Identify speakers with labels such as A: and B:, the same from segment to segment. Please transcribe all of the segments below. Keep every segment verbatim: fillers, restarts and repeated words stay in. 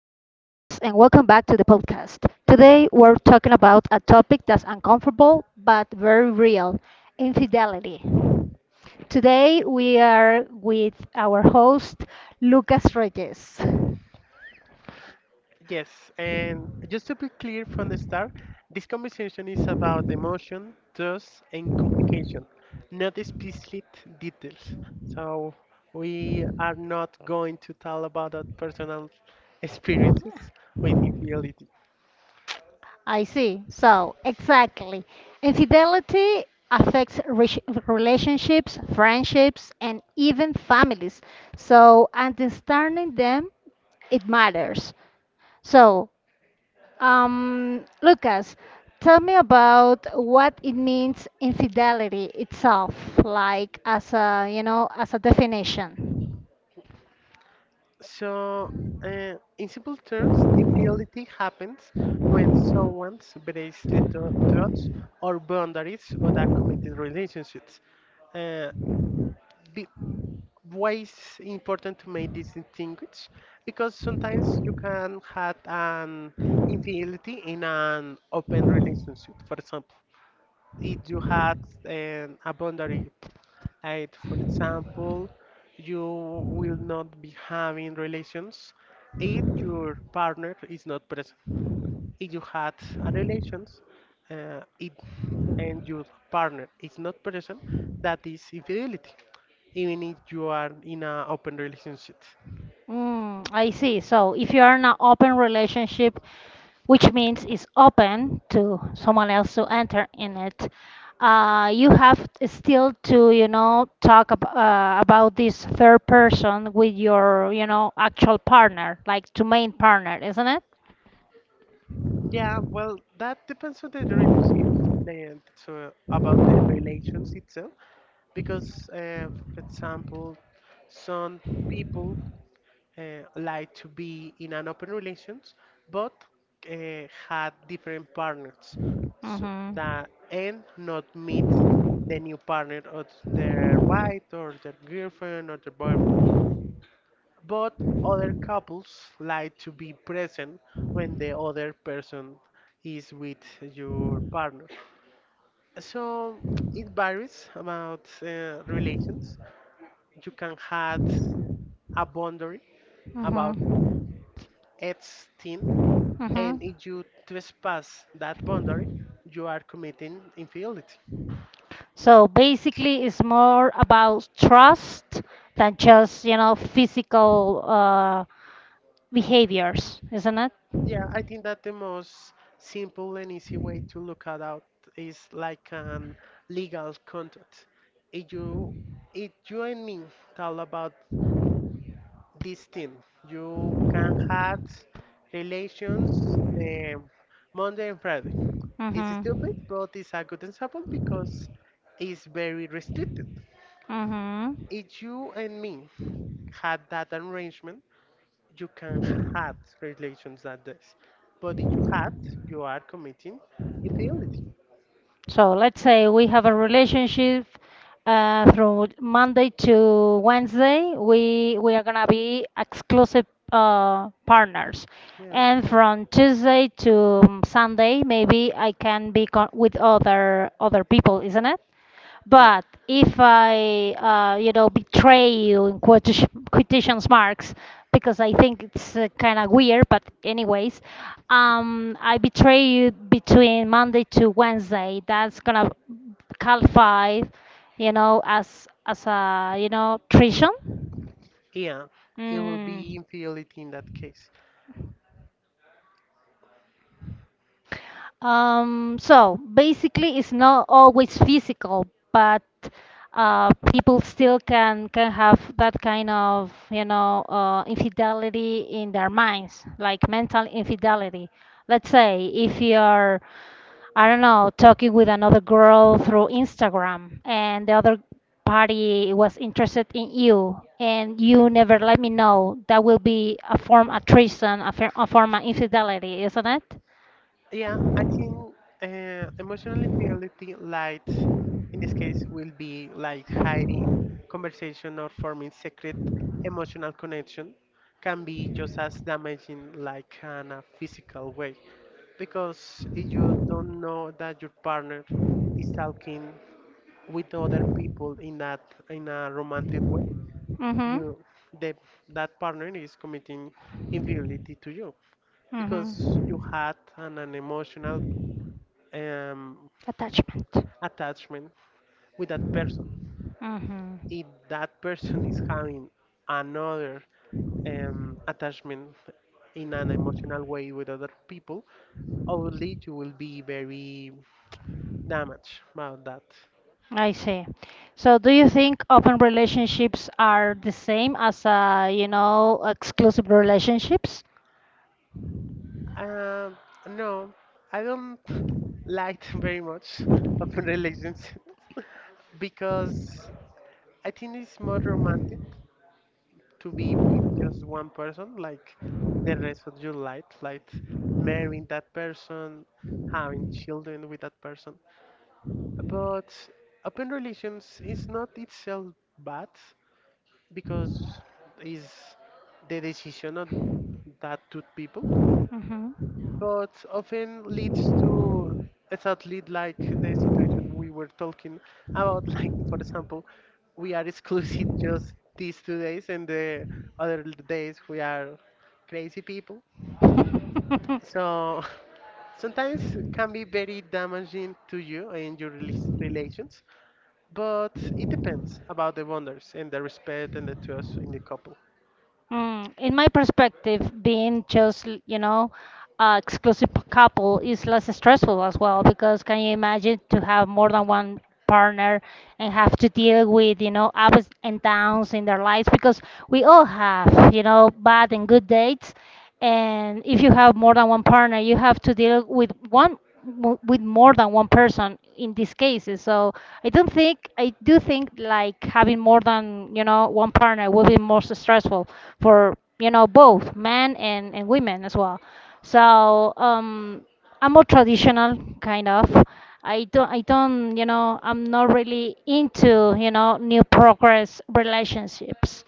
A: and welcome back to the podcast. Today, we're talking about a topic that's uncomfortable but very real, infidelity. Today, we are with our host, Lucas Reyes.
B: Yes, and just to be clear from the start, this conversation is about emotion, trust, and communication, not explicit details. So we are not going to tell about our personal experiences with infidelity.
A: I see. So, exactly. Infidelity affects re- relationships, friendships, and even families. So, understanding them, it matters. So, um, Lucas, tell me about what it means infidelity itself, like as a, you know, as a definition.
B: So, uh, in simple terms, infidelity happens when someone breaks the tru- truths or boundaries of a committed relationships. Uh, be- why is important to make this distinguish, because sometimes you can have an infidelity in an open relationship, for example. If you had an, a boundary, like for example, you will not be having relations if your partner is not present. If you had a relations, uh, it, and your partner is not present, that is infidelity, even if you are in an open relationship.
A: Mm, I see. So if you are in an open relationship, which means it's open to someone else to enter in it, uh, you have still to, you know, talk ab uh, about this third person with your, you know, actual partner, like to main partner, isn't it?
B: Yeah, well, that depends on the relations, the- so about the relations itself, because, uh, for example, some people uh, like to be in an open relations, but uh, had different partners, so
A: Mm-hmm.
B: that and not meet the new partner of their wife or their girlfriend or their boyfriend. But other couples like to be present when the other person is with your partner. So it varies about uh, relations. You can have a boundary about
A: Mm-hmm.
B: each thing.
A: Mm-hmm.
B: And if you trespass that boundary, you are committing infidelity.
A: So basically, it's more about trust than just, you know, physical uh, behaviors, isn't it?
B: Yeah, I think that the most simple and easy way to look at out is like an legal contract. If you, if you and me talk about this thing, you can have relations the Monday and Friday. It's stupid,
A: Mm-hmm.
B: but it's a good example because it's very restricted.
A: Mm-hmm.
B: If you and me had that arrangement, you can have relations like this. But if you have, you are committing infidelity.
A: So let's say we have a relationship uh, from Monday to Wednesday. We we are gonna be exclusive uh, partners,
B: Yeah.
A: and from Tuesday to Sunday, maybe I can be con- with other other people, isn't it?
B: Yeah.
A: But if I, uh, you know, betray you in quotation quotations marks, because I think it's uh, kind of weird, but anyways, um, I betray you between Monday to Wednesday. That's gonna qualify, you know, as as a you know treason.
B: Yeah. It will
A: Mm.
B: be infidelity in that case.
A: Um, so basically, it's not always physical, but uh, people still can can have that kind of you know uh, infidelity in their minds, like mental infidelity. Let's say if you're, I don't know, talking with another girl through Instagram, and the other party was interested in you, and you never let me know, that will be a form of treason, a, fir- a form of infidelity, isn't it?
B: Yeah, I think uh, emotional infidelity, like in this case, will be like hiding conversation or forming secret emotional connection, can be just as damaging like in a physical way, because if you don't know that your partner is talking with other people in that in a romantic way,
A: Mm-hmm.
B: you the, that partner is committing infidelity to you, because you
A: Hmm.
B: had an, an emotional um,
A: Attachment.
B: attachment with that person.
A: Hmm.
B: If that person is having another um, attachment in an emotional way with other people, obviously you will be very damaged about that.
A: I see. So do you think open relationships are the same as uh, you know, exclusive relationships?
B: Uh, no, I don't like very much open relationships because I think it's more romantic to be with just one person, like the rest of your life, like marrying that person, having children with that person. But open relations is not itself bad, because is the decision of that two people,
A: Hmm.
B: but often leads to exactly like the situation we were talking about. Like, for example, we are exclusive just these two days, and the other days we are crazy people. So sometimes can be very damaging to you and your rela- relations, but it depends about the boundaries and the respect and the trust in the couple.
A: Mm, in my perspective, being just, l- you know, uh, exclusive p- couple is less stressful as well, because can you imagine to have more than one partner and have to deal with, you know, ups and downs in their lives, because we all have, you know, bad and good dates. And if you have more than one partner, you have to deal with one mo- with more than one person in these cases. So I don't think, I do think like having more than you know one partner will be more stressful for you know both men and, and women as well. So um i'm more traditional kind of. I don't i don't you know i'm not really into you know new progress relationships,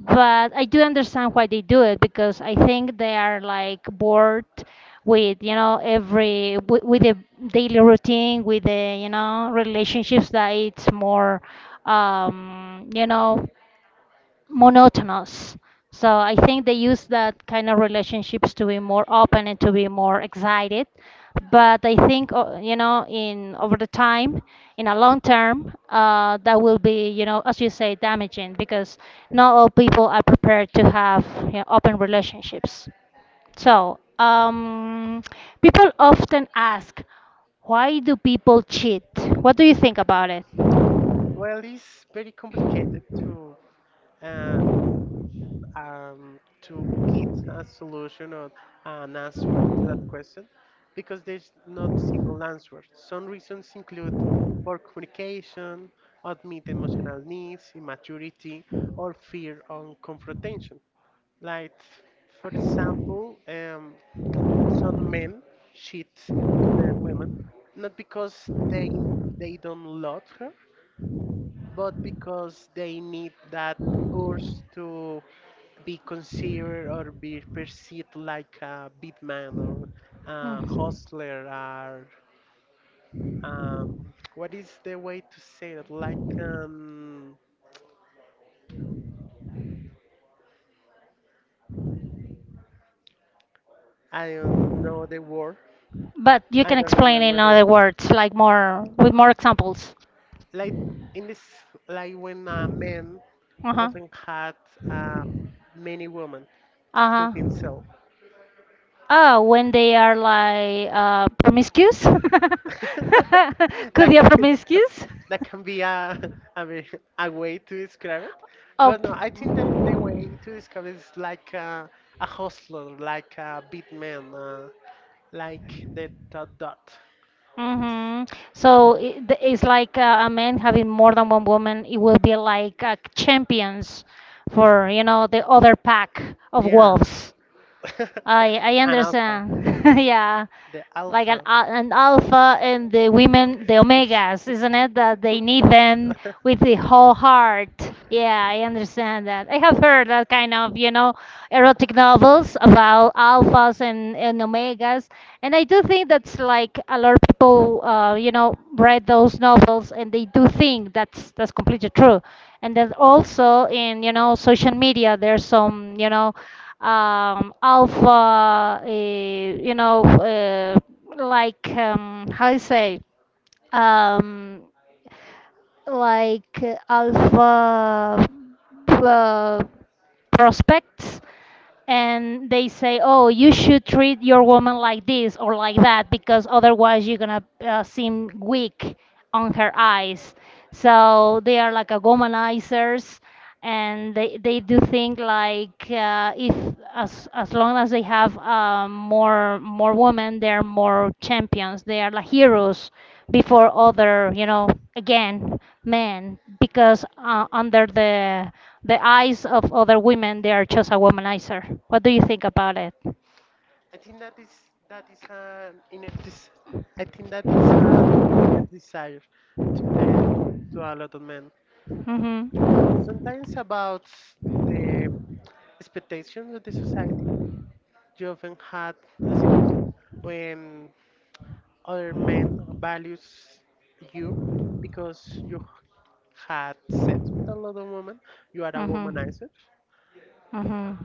A: but I do understand why they do it, because I think they are like bored with you know every with, with the daily routine, with the you know relationships, that it's more um, you know monotonous. So I think they use that kind of relationships to be more open and to be more excited. But I think o- you know, in over the time, in a long term, uh, that will be, you know, as you say, damaging, because not all people are prepared to have, you know, open relationships. So um, people often ask, why do people cheat? What do you think about it?
B: Well, it's very complicated to uh, um, to get a solution or an answer to that question, because there's not single answer. Some reasons include poor communication, admit emotional needs, immaturity, or fear on confrontation. Like, for example, um, some men cheat to their women not because they they don't love her, but because they need that urge to be considered or be perceived like a big man or a
A: Mm.
B: hustler or um, what is the way to say that? Like um, I don't know the word.
A: But you
B: I
A: can
B: don't
A: explain in
B: remember the word.
A: other words, like more with more examples.
B: Like in this, like when a man
A: Uh huh.
B: often had uh, many women
A: Uh
B: to
A: huh.
B: himself.
A: Oh, when they are like uh, promiscuous? Could
B: That
A: be a promiscuous?
B: that can be a, I mean, a way to describe it. But
A: Up.
B: no, I think the, the way to describe it is like a, a hustler, like a big man, uh, like the dot dot.
A: Mm-hmm.
B: Oh,
A: So it, th- it's like uh, a man having more than one woman. It will be like uh, champions for, you know, the other pack of
B: yeah.
A: wolves. I I
B: An alpha,
A: understand. Yeah.
B: the
A: Like an
B: alpha.
A: al- an alpha and the women, the omegas, isn't it? That they need them with the whole heart. Yeah, I understand that. I have heard that kind of, you know, erotic novels about alphas and, and omegas. And I do think that's like a lot of people, uh, you know, read those novels, and they do think that's that's completely true. And then also in, you know, social media, there's some, you know, um, alpha, uh, you know, uh, like um, how you say, um, like uh, alpha uh, prospects, and they say, oh, you should treat your woman like this or like that, because otherwise you're gonna uh, seem weak on her eyes. So they are like a womanizers, and they, they do think like uh, if as as long as they have uh, more more women, they're more champions. They are like heroes before other, you know, again, men, because uh, under the the eyes of other women, they are just a womanizer. What do you think about it?
B: I think that is that is an inner des- I think that is an inner desire to the to a lot of men.
A: Mm-hmm.
B: Sometimes about the expectations of the society. You often had a situation when other men values you because you had sex with a lot of women. You are a
A: Mhm.
B: womanizer.
A: Mhm.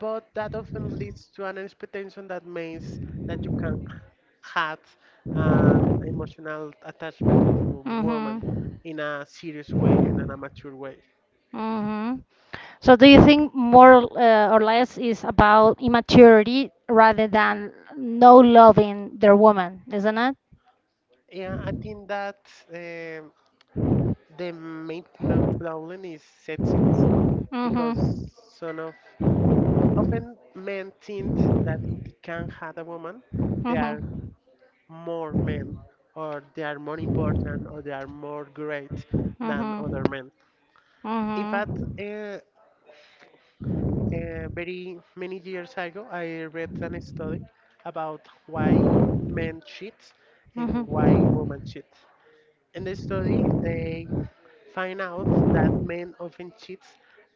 B: But that often leads to an expectation that means that you can have an emotional attachment to woman in a serious way and in
A: Mhm.
B: a mature way.
A: Hmm. So do you think more uh, or less is about immaturity rather than no loving their woman, isn't it?
B: Yeah, I think that um the main p- problem is sex, because
A: Mm-hmm.
B: son of often men think that if they can have a woman, they are
A: Mm-hmm.
B: more men, or they are more important, or they are more great
A: Mm-hmm.
B: than other
A: Mm-hmm.
B: men. In fact, uh, uh, very many years ago, I read an study about why men cheat and
A: Mm-hmm.
B: why women cheat. In the study, they find out that men often cheat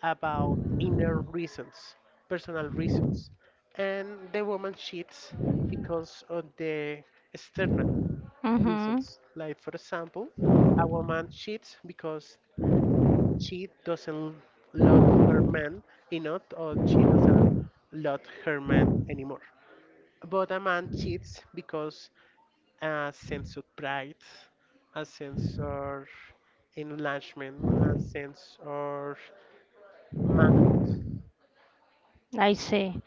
B: about inner reasons, personal reasons, and the woman cheats because of the external reasons. Like, for example, a woman cheats because she doesn't love her
A: Mm-hmm.
B: man enough, or she doesn't love her man anymore. But a man cheats because a sense of pride, a sense of enlargement, a sense of manhood.
A: Same, I see.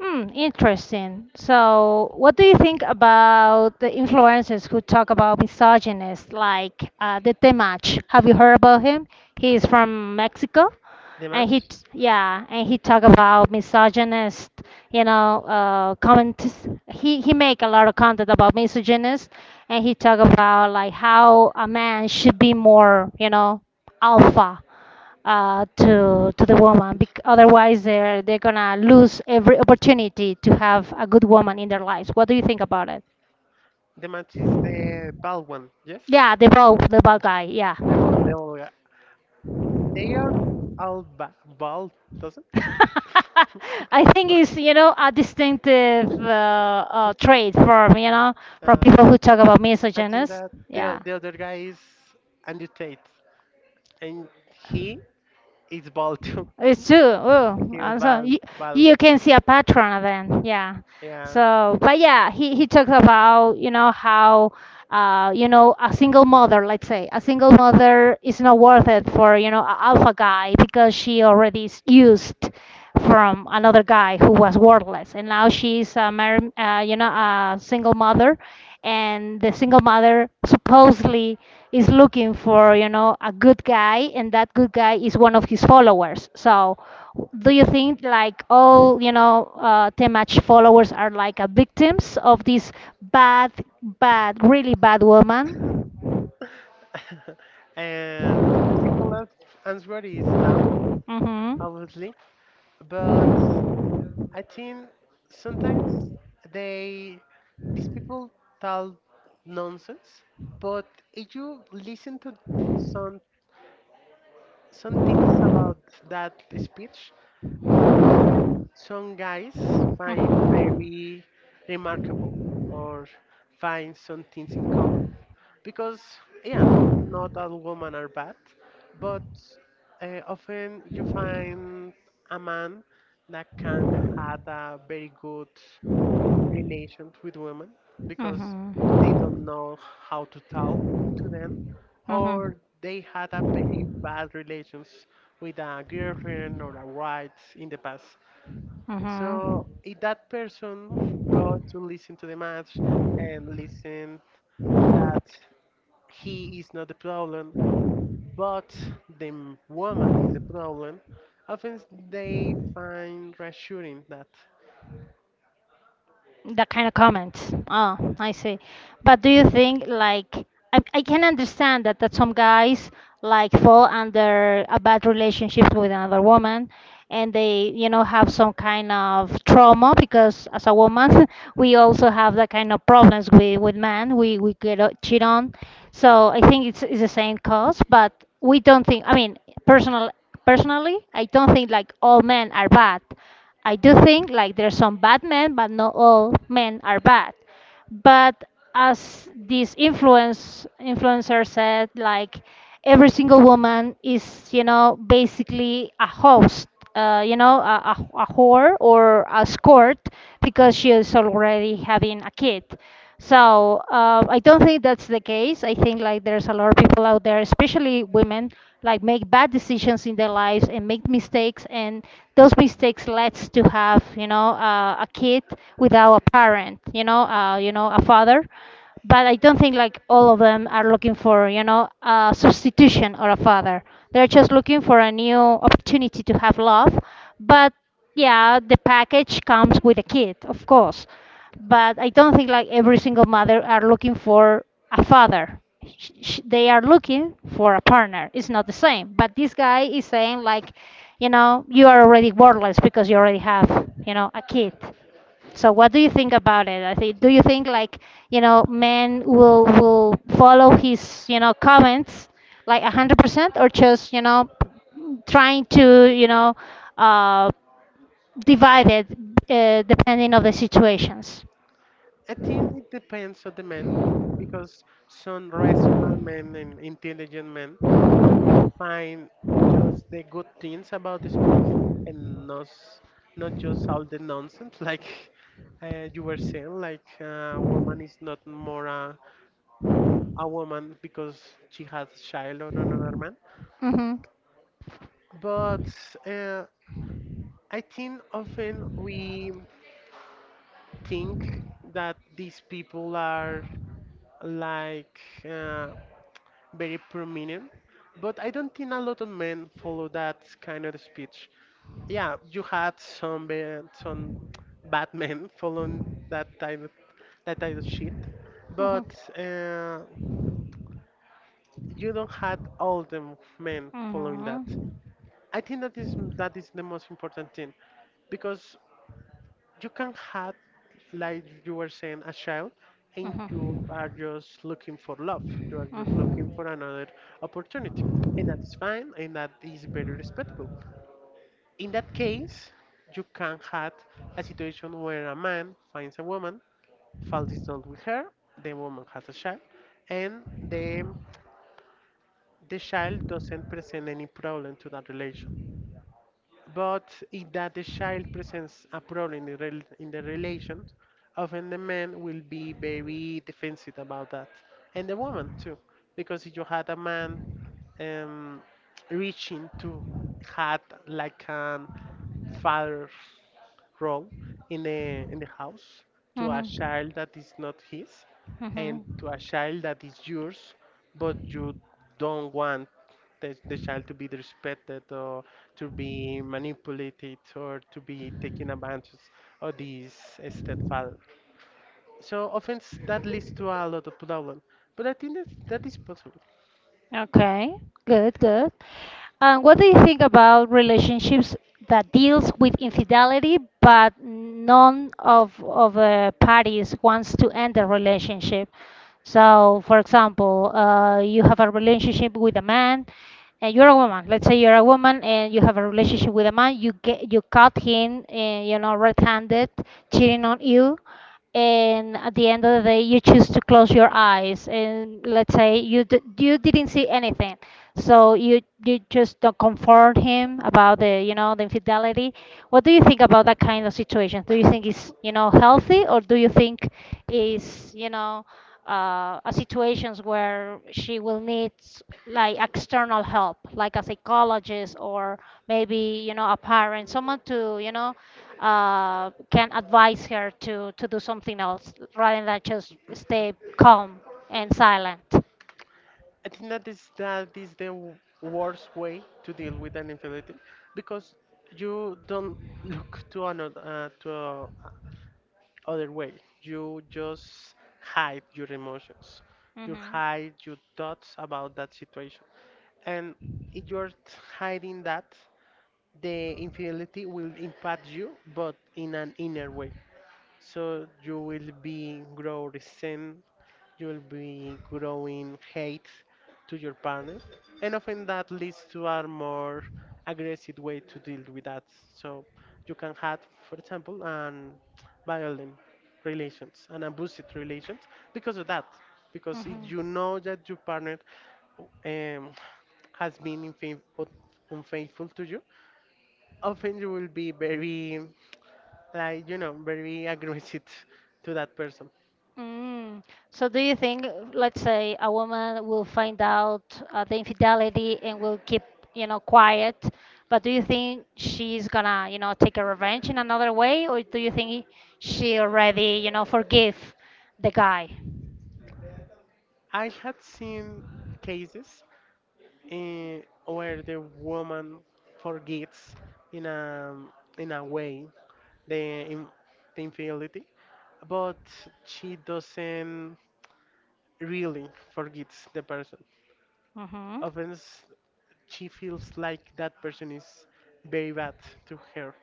A: Hmm, interesting. So, what do you think about the influencers who talk about misogynists, like uh, the Temach? Have you heard about him? He is from Mexico,
B: The
A: and he,
B: match,
A: t- yeah, and he talk about misogynist, you know, uh, comments. He he make a lot of content about misogynist, and he talk about like how a man should be more, you know, alpha uh, to to the woman. Bec- otherwise, they're they're gonna lose every opportunity to have a good woman in their lives. What do you think about it?
B: the match is the bald one, yes?
A: Yeah, the ball, the ball guy. Yeah.
B: The bald, the bald guy. They are all ba- bald, doesn't?
A: I think it's, you know, a distinctive uh, uh, trait from, you know from
B: Uh,
A: people who talk about
B: I think
A: misogynists.
B: that the
A: Yeah.
B: the other guy is Andrew Tate, and he is bald too.
A: It's true.
B: He
A: Oh,
B: is
A: also
B: bald,
A: you,
B: bald.
A: you can see a pattern then. Yeah.
B: Yeah.
A: So, but yeah, he he talks about, you know, how uh you know, a single mother, let's say, a single mother is not worth it for, you know, an alpha guy, because she already is used from another guy who was worthless, and now she's a mar- uh, you know, a single mother, and the single mother supposedly is looking for, you know, a good guy, and that good guy is one of his followers. So do you think like all, you know uh, temach followers are like a victims of this bad bad really bad woman?
B: Uh, the simplest answer is not,
A: Mm-hmm.
B: obviously, but I think sometimes they these people tell nonsense, but if you listen to some some things about that speech, often
A: Mhm.
B: some guys find very remarkable, or find some things in common, because yeah, not all women are bad, but uh, often you find a man that can have a very good relation with women, because
A: Mhm.
B: they don't know how to talk to them,
A: Mhm.
B: or they had a very bad relations with a girlfriend or a wife in the past. So if that person go to listen to the match and
A: Mhm.
B: listen that he is not the problem, but the m- woman is the problem, often they find reassuring that.
A: That kind of comments. Oh, I see. But do you think like, I, I can understand that that some guys like fall under a bad relationship with another woman, and they, you know, have some kind of trauma, because as a woman we also have that kind of problems with with men, we we get uh, cheat on. So I think it's, it's the same cause, but we don't think, I mean, personal personally I don't think like all men are bad. I do think like there's some bad men, but not all men are bad. But as this influence influencer said, like every single woman is, you know, basically a host, uh, you know, a, a, a whore or a escort, because she is already having a kid. So uh, I don't think that's the case. I think like there's a lot of people out there, especially women, like make bad decisions in their lives and make mistakes, and those mistakes leads to have, you know uh, a kid without a parent, you know, uh, you know, a father. But I don't think like all of them are looking for, you know, a substitution or a father. They're just looking for a new opportunity to have love. But yeah, the package comes with a kid, of course, but I don't think like every single mother are looking for a father. Sh- sh- They are looking for a partner. It's not the same. But this guy is saying like, you know, you are already worthless because you already have, you know, a kid. So what do you think about it? I think do you think like, you know, men will will follow his, you know, comments like a hundred percent, or just, you know, trying to, you know, uh, divided uh, depending of the situations.
B: I think it depends on the man, because some rational men and intelligent men will find just the good things about the speech and not s- not just all the nonsense, like uh, you were saying, like uh, a woman is not more a, a woman because she has a child or another man,
A: Hmm.
B: but uh, I think often we think that these people are like uh, very prominent, but I don't think a lot of men follow that kind of speech. Yeah, you had some ba- some bad men following that type of, that type of shit,
A: Hmm.
B: but uh, you don't have all the men
A: Hmm.
B: following that.
A: Hmm.
B: I think that is that is the most important thing, because you can have, like you were saying, a child, and you are just looking for love. You are just looking for another opportunity, and that is fine, and that is very respectful. In that case, you can have a situation where a man finds a woman, falls in love with her, the woman has a child, and the the child doesn't present any problem to that relation. But if that the child presents a problem in the, rel- in the relation, often the man will be very defensive about that, and the woman too. Because if you had a man um, reaching to had like an father's role in the in the house to a
A: Hmm.
B: child that is not his,
A: Hmm.
B: and to
A: Hmm.
B: a child that is yours, but you don't want the, the child to be respected, or to be manipulated or to be taken advantage of this stepfather, so often that leads to a lot of problem, but I think that that is possible.
A: Okay, good, good. And what do you think about relationships that deals with infidelity, but none of of the parties wants to end the relationship? So, for example, uh, you have a relationship with a man, and you're a woman. Let's say you're a woman and you have a relationship with a man. You get you caught him, uh, you know, red-handed, cheating on you. And at the end of the day, you choose to close your eyes and let's say you d- you didn't see anything. So you you just don't comfort him about the you know the infidelity. What do you think about that kind of situation? Do you think it's you know healthy, or do you think is you know uh, uh, situations where she will need s- like external help, like a psychologist or maybe you know a parent, someone to you know uh, can advise her to to do something else rather than just stay calm and silent.
B: I think that is that is the w- worst way to deal with an infidelity, because you don't look to another uh, to a other way. You just hide your emotions. You
A: Hmm.
B: hide your thoughts about that situation, and if you're t- hiding that, the infidelity will impact you, but in an inner way. So you will be grow resent, you will be growing hate to your partner, and often that leads to a more aggressive way to deal with that. So you can have, for example, an violent relations, an abusive relations because of that. Because if you know that your partner um, has been unfaithful, unfaithful to you, often you will be very like you know very aggressive to that person.
A: Mm. So do you think, let's say, a woman will find out uh, the infidelity and will keep, you know, quiet, but do you think she's gonna, you know, take a revenge in another way, or do you think she already, you know, forgive the guy?
B: I had seen cases, eh, where the woman forgets in a in a way the, in, the infidelity, but she doesn't really forgets the person.
A: Mm-hmm.
B: Often she feels like that person is very bad to her,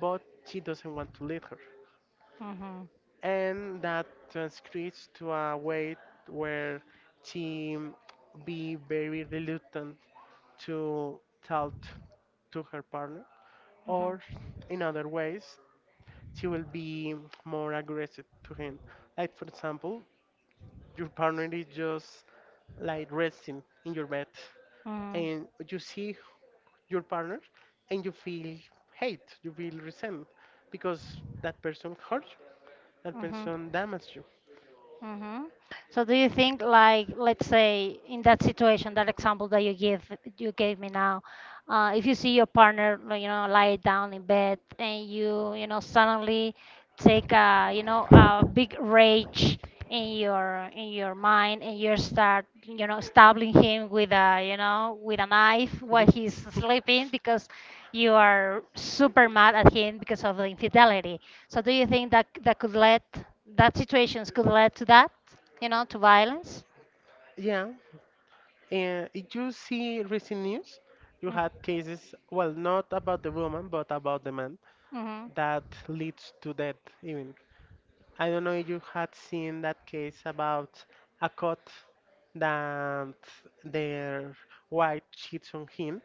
B: but she doesn't want to leave her.
A: Mm-hmm.
B: And that transcribes to a way where she be very reluctant to talk to her partner, or
A: Mm-hmm.
B: in other ways she will be more aggressive to him. Like for example, your partner is just like resting in your bed
A: Mm.
B: and you see your partner, and you feel hate, you feel resentment because that person hurt you, that
A: Mhm.
B: person damaged you.
A: Mhm. So do you think, like, let's say in that situation, that example that you give you gave me now, uh, if you see your partner, like, you know lie down in bed, and you you know suddenly take a you know a big rage in your in your mind, and you start you know stabbing him with a you know with a knife while he's sleeping, because you are super mad at him because of the infidelity. So do you think that that could lead that situations could lead to that, you know to violence?
B: Yeah, and if you see recent news? You had
A: Mm-hmm.
B: cases, well, not about the woman, but about the man, that leads to death, even. I don't know if you had seen that case about a cat that their wife cheats on him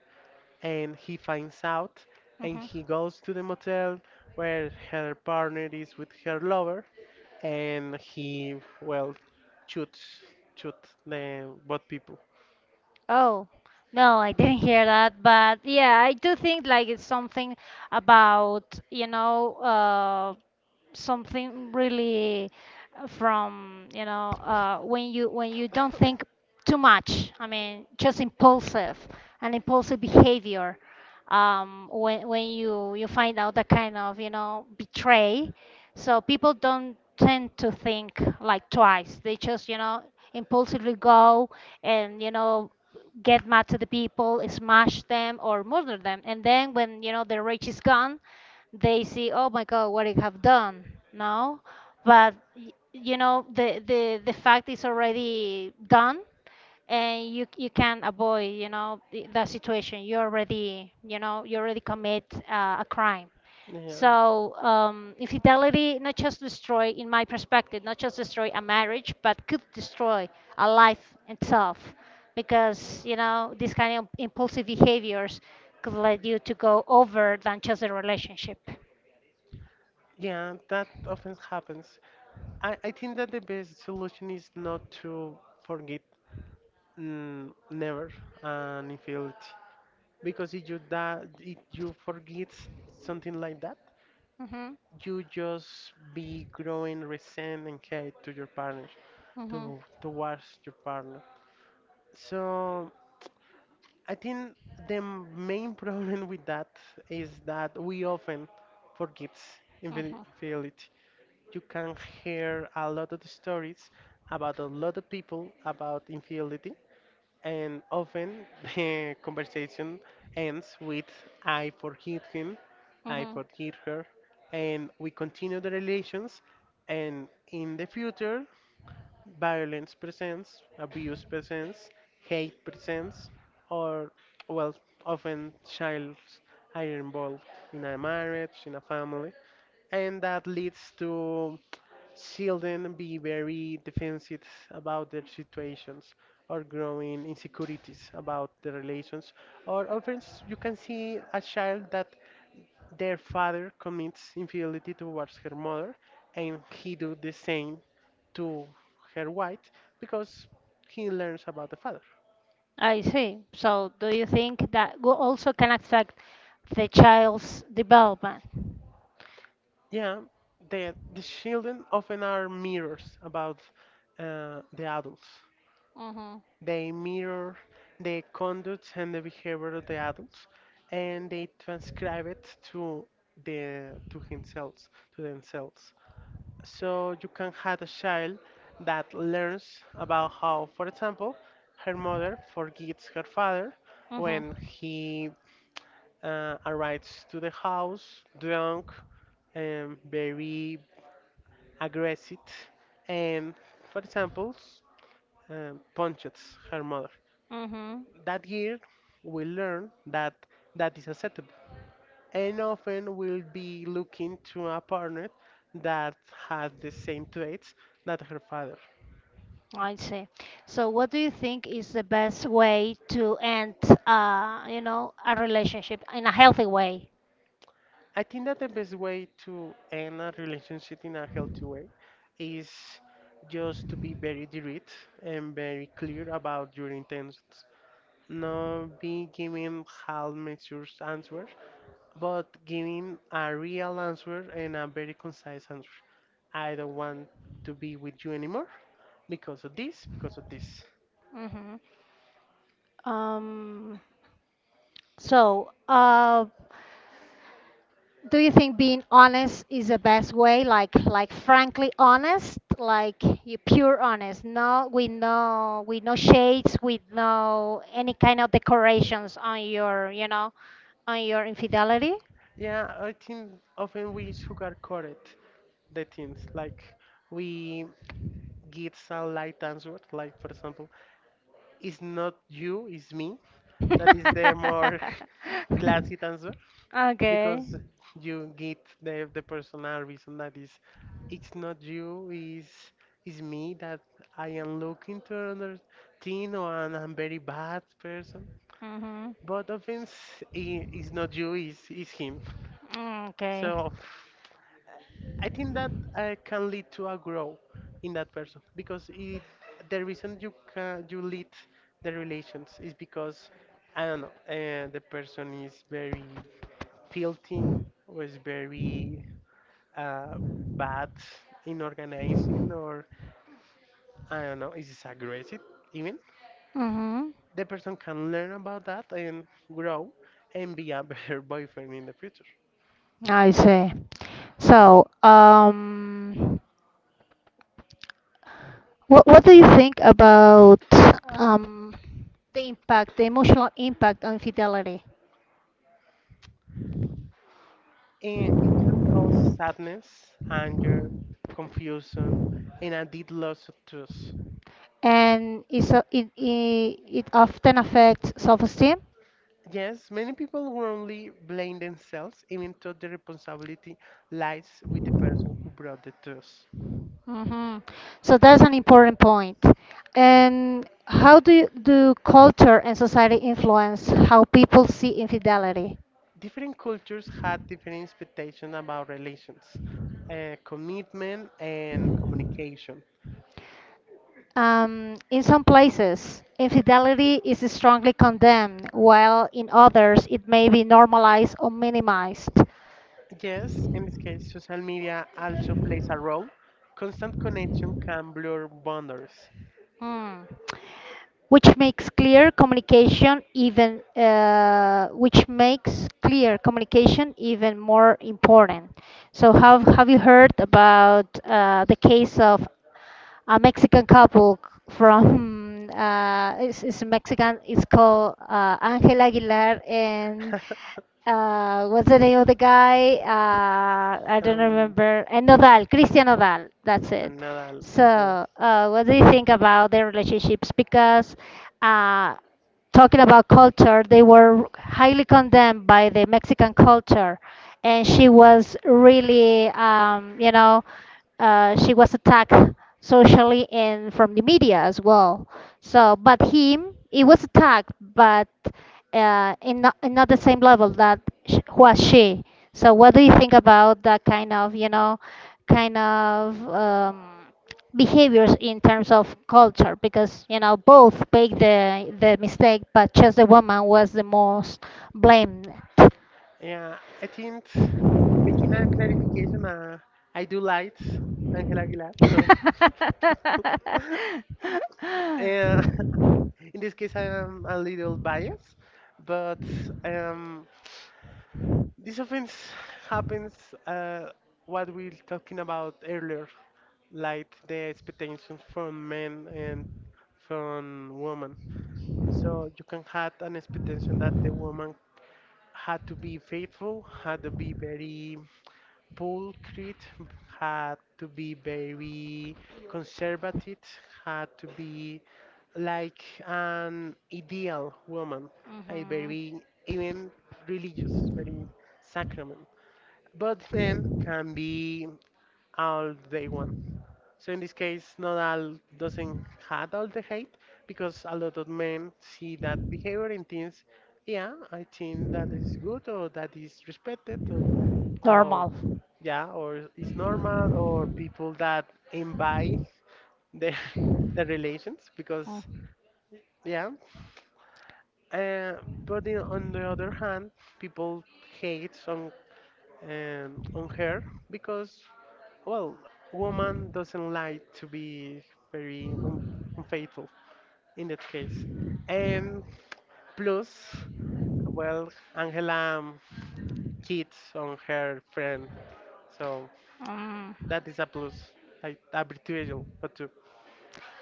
B: and he finds out, and
A: Hmm.
B: he goes to the motel where her partner is with her lover, and he, well, shoots, shoots the both people.
A: Oh, no, I didn't hear that, but yeah, I do think like it's something about, you know, uh, something really from, you know, uh, when you when you don't think too much. I mean, just impulsive, and impulsive behavior. Um, when when you you find out that kind of, you know, betray, so people don't tend to think like twice. They just, you know, impulsively go, and you know get mad to the people, smash them, or murder them. And then when you know the rage is gone, they see, oh my God, what I have done. No, but y- you know the the the fact is already done, and you you can avoid you know the, the situation. You already you know you already commit uh, a crime.
B: Yeah.
A: So, um, infidelity not just destroy, in my perspective, not just destroy a marriage, but could destroy a life itself, because you know these kind of impulsive behaviors could lead you to go over than just a relationship.
B: Yeah, that often happens. I, I think that the best solution is not to forget, mm, never, an infidelity, because if you da- if you forget something like that,
A: Hmm.
B: you just be growing resent and hate to your partner,
A: Hmm.
B: to towards your partner. So I think the main problem with that is that we often forget
A: uh
B: infidel- infidelity. You can hear a lot of stories about a lot of people about infidelity, and often the conversation ends with "I forgive him," "I
A: uh
B: forgive her," and we continue the relations. And in the future, violence presents, abuse presents, hate presents, or, well, often child are involved in a marriage, in a family, and that leads to children be very defensive about their situations, or growing insecurities about the relations, or often you can see a child that their father commits infidelity towards her mother and he do the same to her wife because he learns about the father.
A: I see. So, do you think that go- also can affect the child's development?
B: Yeah, the, the children often are mirrors about uh, the adults.
A: Mhm.
B: They mirror the conduct and the behavior of the adults, and they transcribe it to the to themselves, to themselves. So you can have a child that learns about how, for example, her mother forgets her father
A: Mhm.
B: when he, uh, arrives to the house drunk and very aggressive, and for example, s- um punches her mother.
A: Mhm.
B: That year, we learn that that is acceptable, and often we'll be looking to a partner that has the same traits that her father.
A: I see. So, what do you think is the best way to end, uh, you know, a relationship in a healthy way?
B: I think that the best way to end a relationship in a healthy way is just to be very direct and very clear about your intentions. Not be giving half measures answers, but giving a real answer and a very concise answer. I don't want to be with you anymore because of this, because of this.
A: Mhm. Um. So, uh, Do you think being honest is the best way? Like, like frankly honest, like you pure honest. No, we know, we no shades, with no any kind of decorations on your, you know, on your infidelity.
B: Yeah, I think often we sugarcoat it, the things. Like, we give a light answer, like for example, it's not you, it's me. That is the more classy answer.
A: Okay.
B: Because you get the the personal reason, that is, it's not you, is is me, that I am looking to another thing, or, and I'm very bad person.
A: Mhm.
B: But offense, i- is not you, is is him.
A: Mm, okay.
B: So I think that, uh, can lead to a growth in that person, because it, the reason you can, you lead the relations is because, I don't know, uh, the person is very filthy, or is very, uh, bad in organizing, or I don't know, is aggressive, even,
A: Mhm.
B: the person can learn about that and grow and be a better boyfriend in the future.
A: I see. So, um, what what do you think about um the impact, the emotional impact on fidelity,
B: And it can cause sadness, anger, confusion, and a deep loss of trust.
A: and it's a, it, it it often affects self-esteem.
B: Yes, many people wrongly blame themselves, even though the responsibility lies with the person who brought the trust.
A: Hmm. So that's an important point. And how do you, do culture and society influence how people see infidelity?
B: Different cultures had different expectations about relations, uh, commitment, and communication.
A: Um, in some places, infidelity is strongly condemned, while in others it may be normalized or minimized.
B: Yes, in this case, social media also plays a role. Constant connection can blur boundaries.
A: Hmm. Which makes clear communication even uh, which makes clear communication even more important. So have have you heard about, uh, the case of a Mexican couple? From, uh, it's, it's a Mexican. It's called, uh, Angela Aguilar and, uh, what's the name of the guy? Uh, I don't
B: um,
A: remember. And Nodal, Christian Nodal. That's it.
B: another,
A: So,
B: yeah.
A: uh, what do you think about their relationships? Because, uh, talking about culture, they were highly condemned by the Mexican culture, and she was really um, you know, uh, she was attacked socially and from the media as well. So, but him, he was attacked, but uh, in not, in not the same level that sh- was she. So, what do you think about that kind of, you know, kind of um, behaviors in terms of culture, because you know both made the the mistake, but just the woman was the most blamed.
B: Yeah, I think, making a clarification, uh, I do lights, Angela Aguilar, so. Yeah, in this case, I am a little biased, but, um, this offense happens, uh, what we are talking about earlier, like the expectations from men and from women. So you can have an expectation that the woman had to be faithful, had to be very pulchrite, had to be very conservative, had to be like an ideal woman, a
A: Mhm.
B: very even religious, very sacrament. But men can be all they want. So in this case, not all doesn't have all the hate because a lot of men see that behavior and thinks, yeah, I think that is good, or that is respected, or, or
A: Normal. the,
B: yeah, or it's normal, or people that envy their their relations
A: Oh.
B: because yeah. Uh, but the, on the other hand, people hate on, um, on her because, well, woman doesn't like to be very un- unfaithful in that case. And plus, well, Angela, um, cheats on her friend, so
A: Mm.
B: that is a plus, like a betrayal, but too.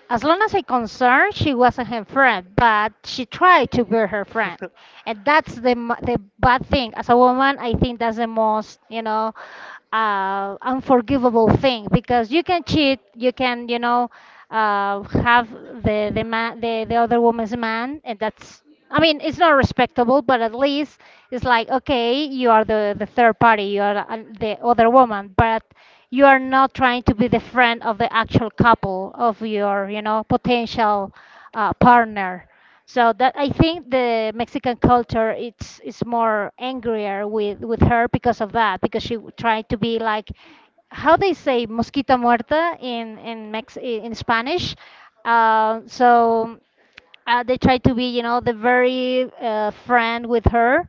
A: As long as I concerned, she wasn't her friend, but she tried to be her friend, and that's the m- the bad thing. As a woman, I think that's the most you know uh, unforgivable thing, because you can cheat, you can you know uh, have the the man the, the other woman's man, and that's, I mean, it's not respectable, but at least it's like, okay, you are the, the third party, you are uh, the other woman, but you are not trying to be the friend of the actual couple of your, you know, potential uh, partner. So that, I think, the Mexican culture, it's it's more angrier with with her because of that, because she tried to be like how they say mosquita muerta in in Mex in Spanish. Uh, so, uh, they tried to be, you know, the very uh, friend with her.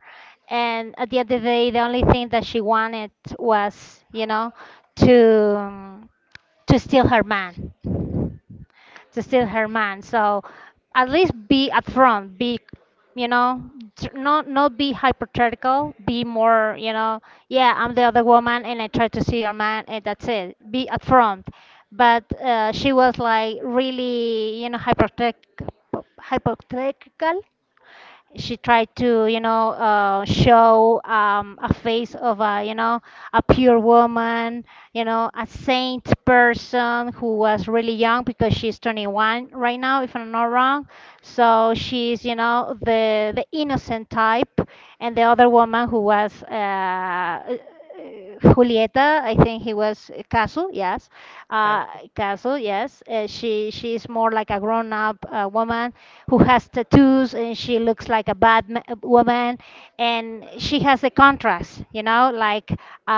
A: And at the end of the day, the only thing that she wanted was, you know, to um, to steal her man, to steal her man. So at least be upfront, be, you know, tr- not not be hypothetical, be more, you know, yeah, I'm the other woman and I try to see your man and that's it. Be upfront. But, uh, she was like really, you know, hypothetical hypothetical she tried to you know uh, show, um, a face of a you know a pure woman, you know a saint person, who was really young because she's twenty-one right now, if I'm not wrong. So she's you know the the innocent type. And the other woman, who was, uh, uh, Julieta, I think he was, uh, Casu, yes,
B: Cat,
A: uh, Casu, yes. Uh, she she is more like a grown-up uh, woman, who has tattoos and she looks like a bad ma- woman, and she has a contrast, you know like, uh,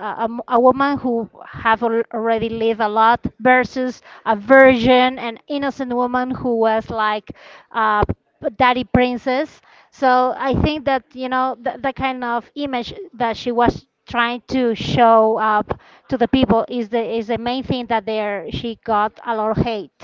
A: a, a m- a woman who have al- already lived a lot versus a virgin and innocent woman who was like, uh, p- daddy princess. So I think that, you know the, the kind of image that she was trying to show up to the people, is the is the main thing that there she got a lot of hate,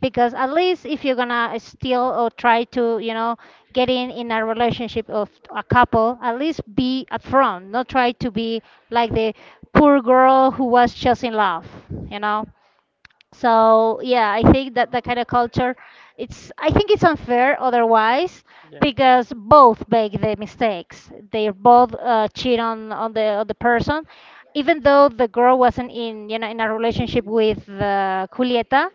A: because at least if you're gonna steal or try to, you know get in in a relationship of a couple, at least be upfront, not try to be like the poor girl who was just in love, you know so yeah, I think that that kind of culture, it's I think it's unfair otherwise,
B: yeah.
A: because both make the mistakes, they both, uh, cheat on on the on the person, even though the girl wasn't in you know in a relationship with, uh, Julieta.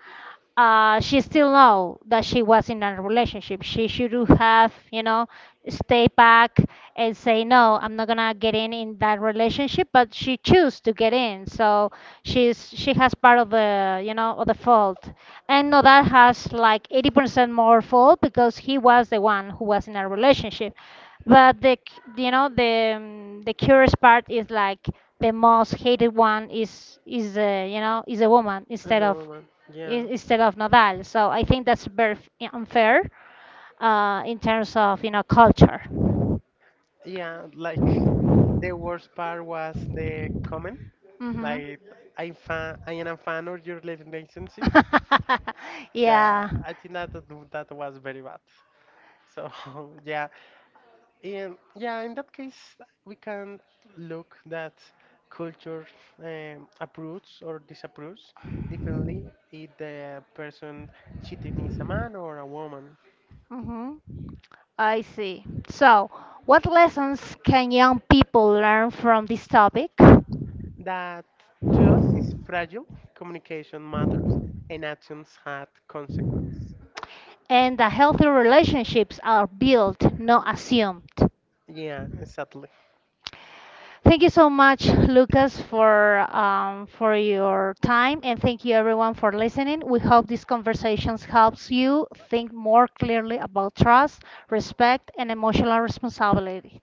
A: uh, She still know that she was in a relationship. She should have, you know, stay back and say no, I'm not gonna get in in that relationship. But she chose to get in, so she's she has part of the, you know, of the fault. And Nodal has like eighty percent more fault because he was the one who was in a relationship. But the, c- you know, the um, the curious part is like the most hated one is is the, you know, is a woman,
B: I
A: instead of
B: know, man. Yeah.
A: i- instead of Nadal. So I think that's very f- unfair, uh, in terms of, you know culture.
B: Yeah, like the worst part was the comment.
A: Hmm.
B: Like, I'm fan, I am a fan of your relationship. Yeah,
A: Yeah.
B: I think that
A: I
B: that was very bad. So yeah, and yeah, in that case, we can look that culture, um, approves or disapproves differently if the person cheating is a man or a woman.
A: hmm I see. So, what lessons can young people learn from this topic?
B: That to us is fragile, communication matters, and actions had consequences.
A: And the healthy relationships are built, not assumed.
B: Yeah, exactly.
A: Thank you so much, Lucas, for um, for your time, and thank you everyone for listening. We hope these conversations helps you think more clearly about trust, respect, and emotional responsibility.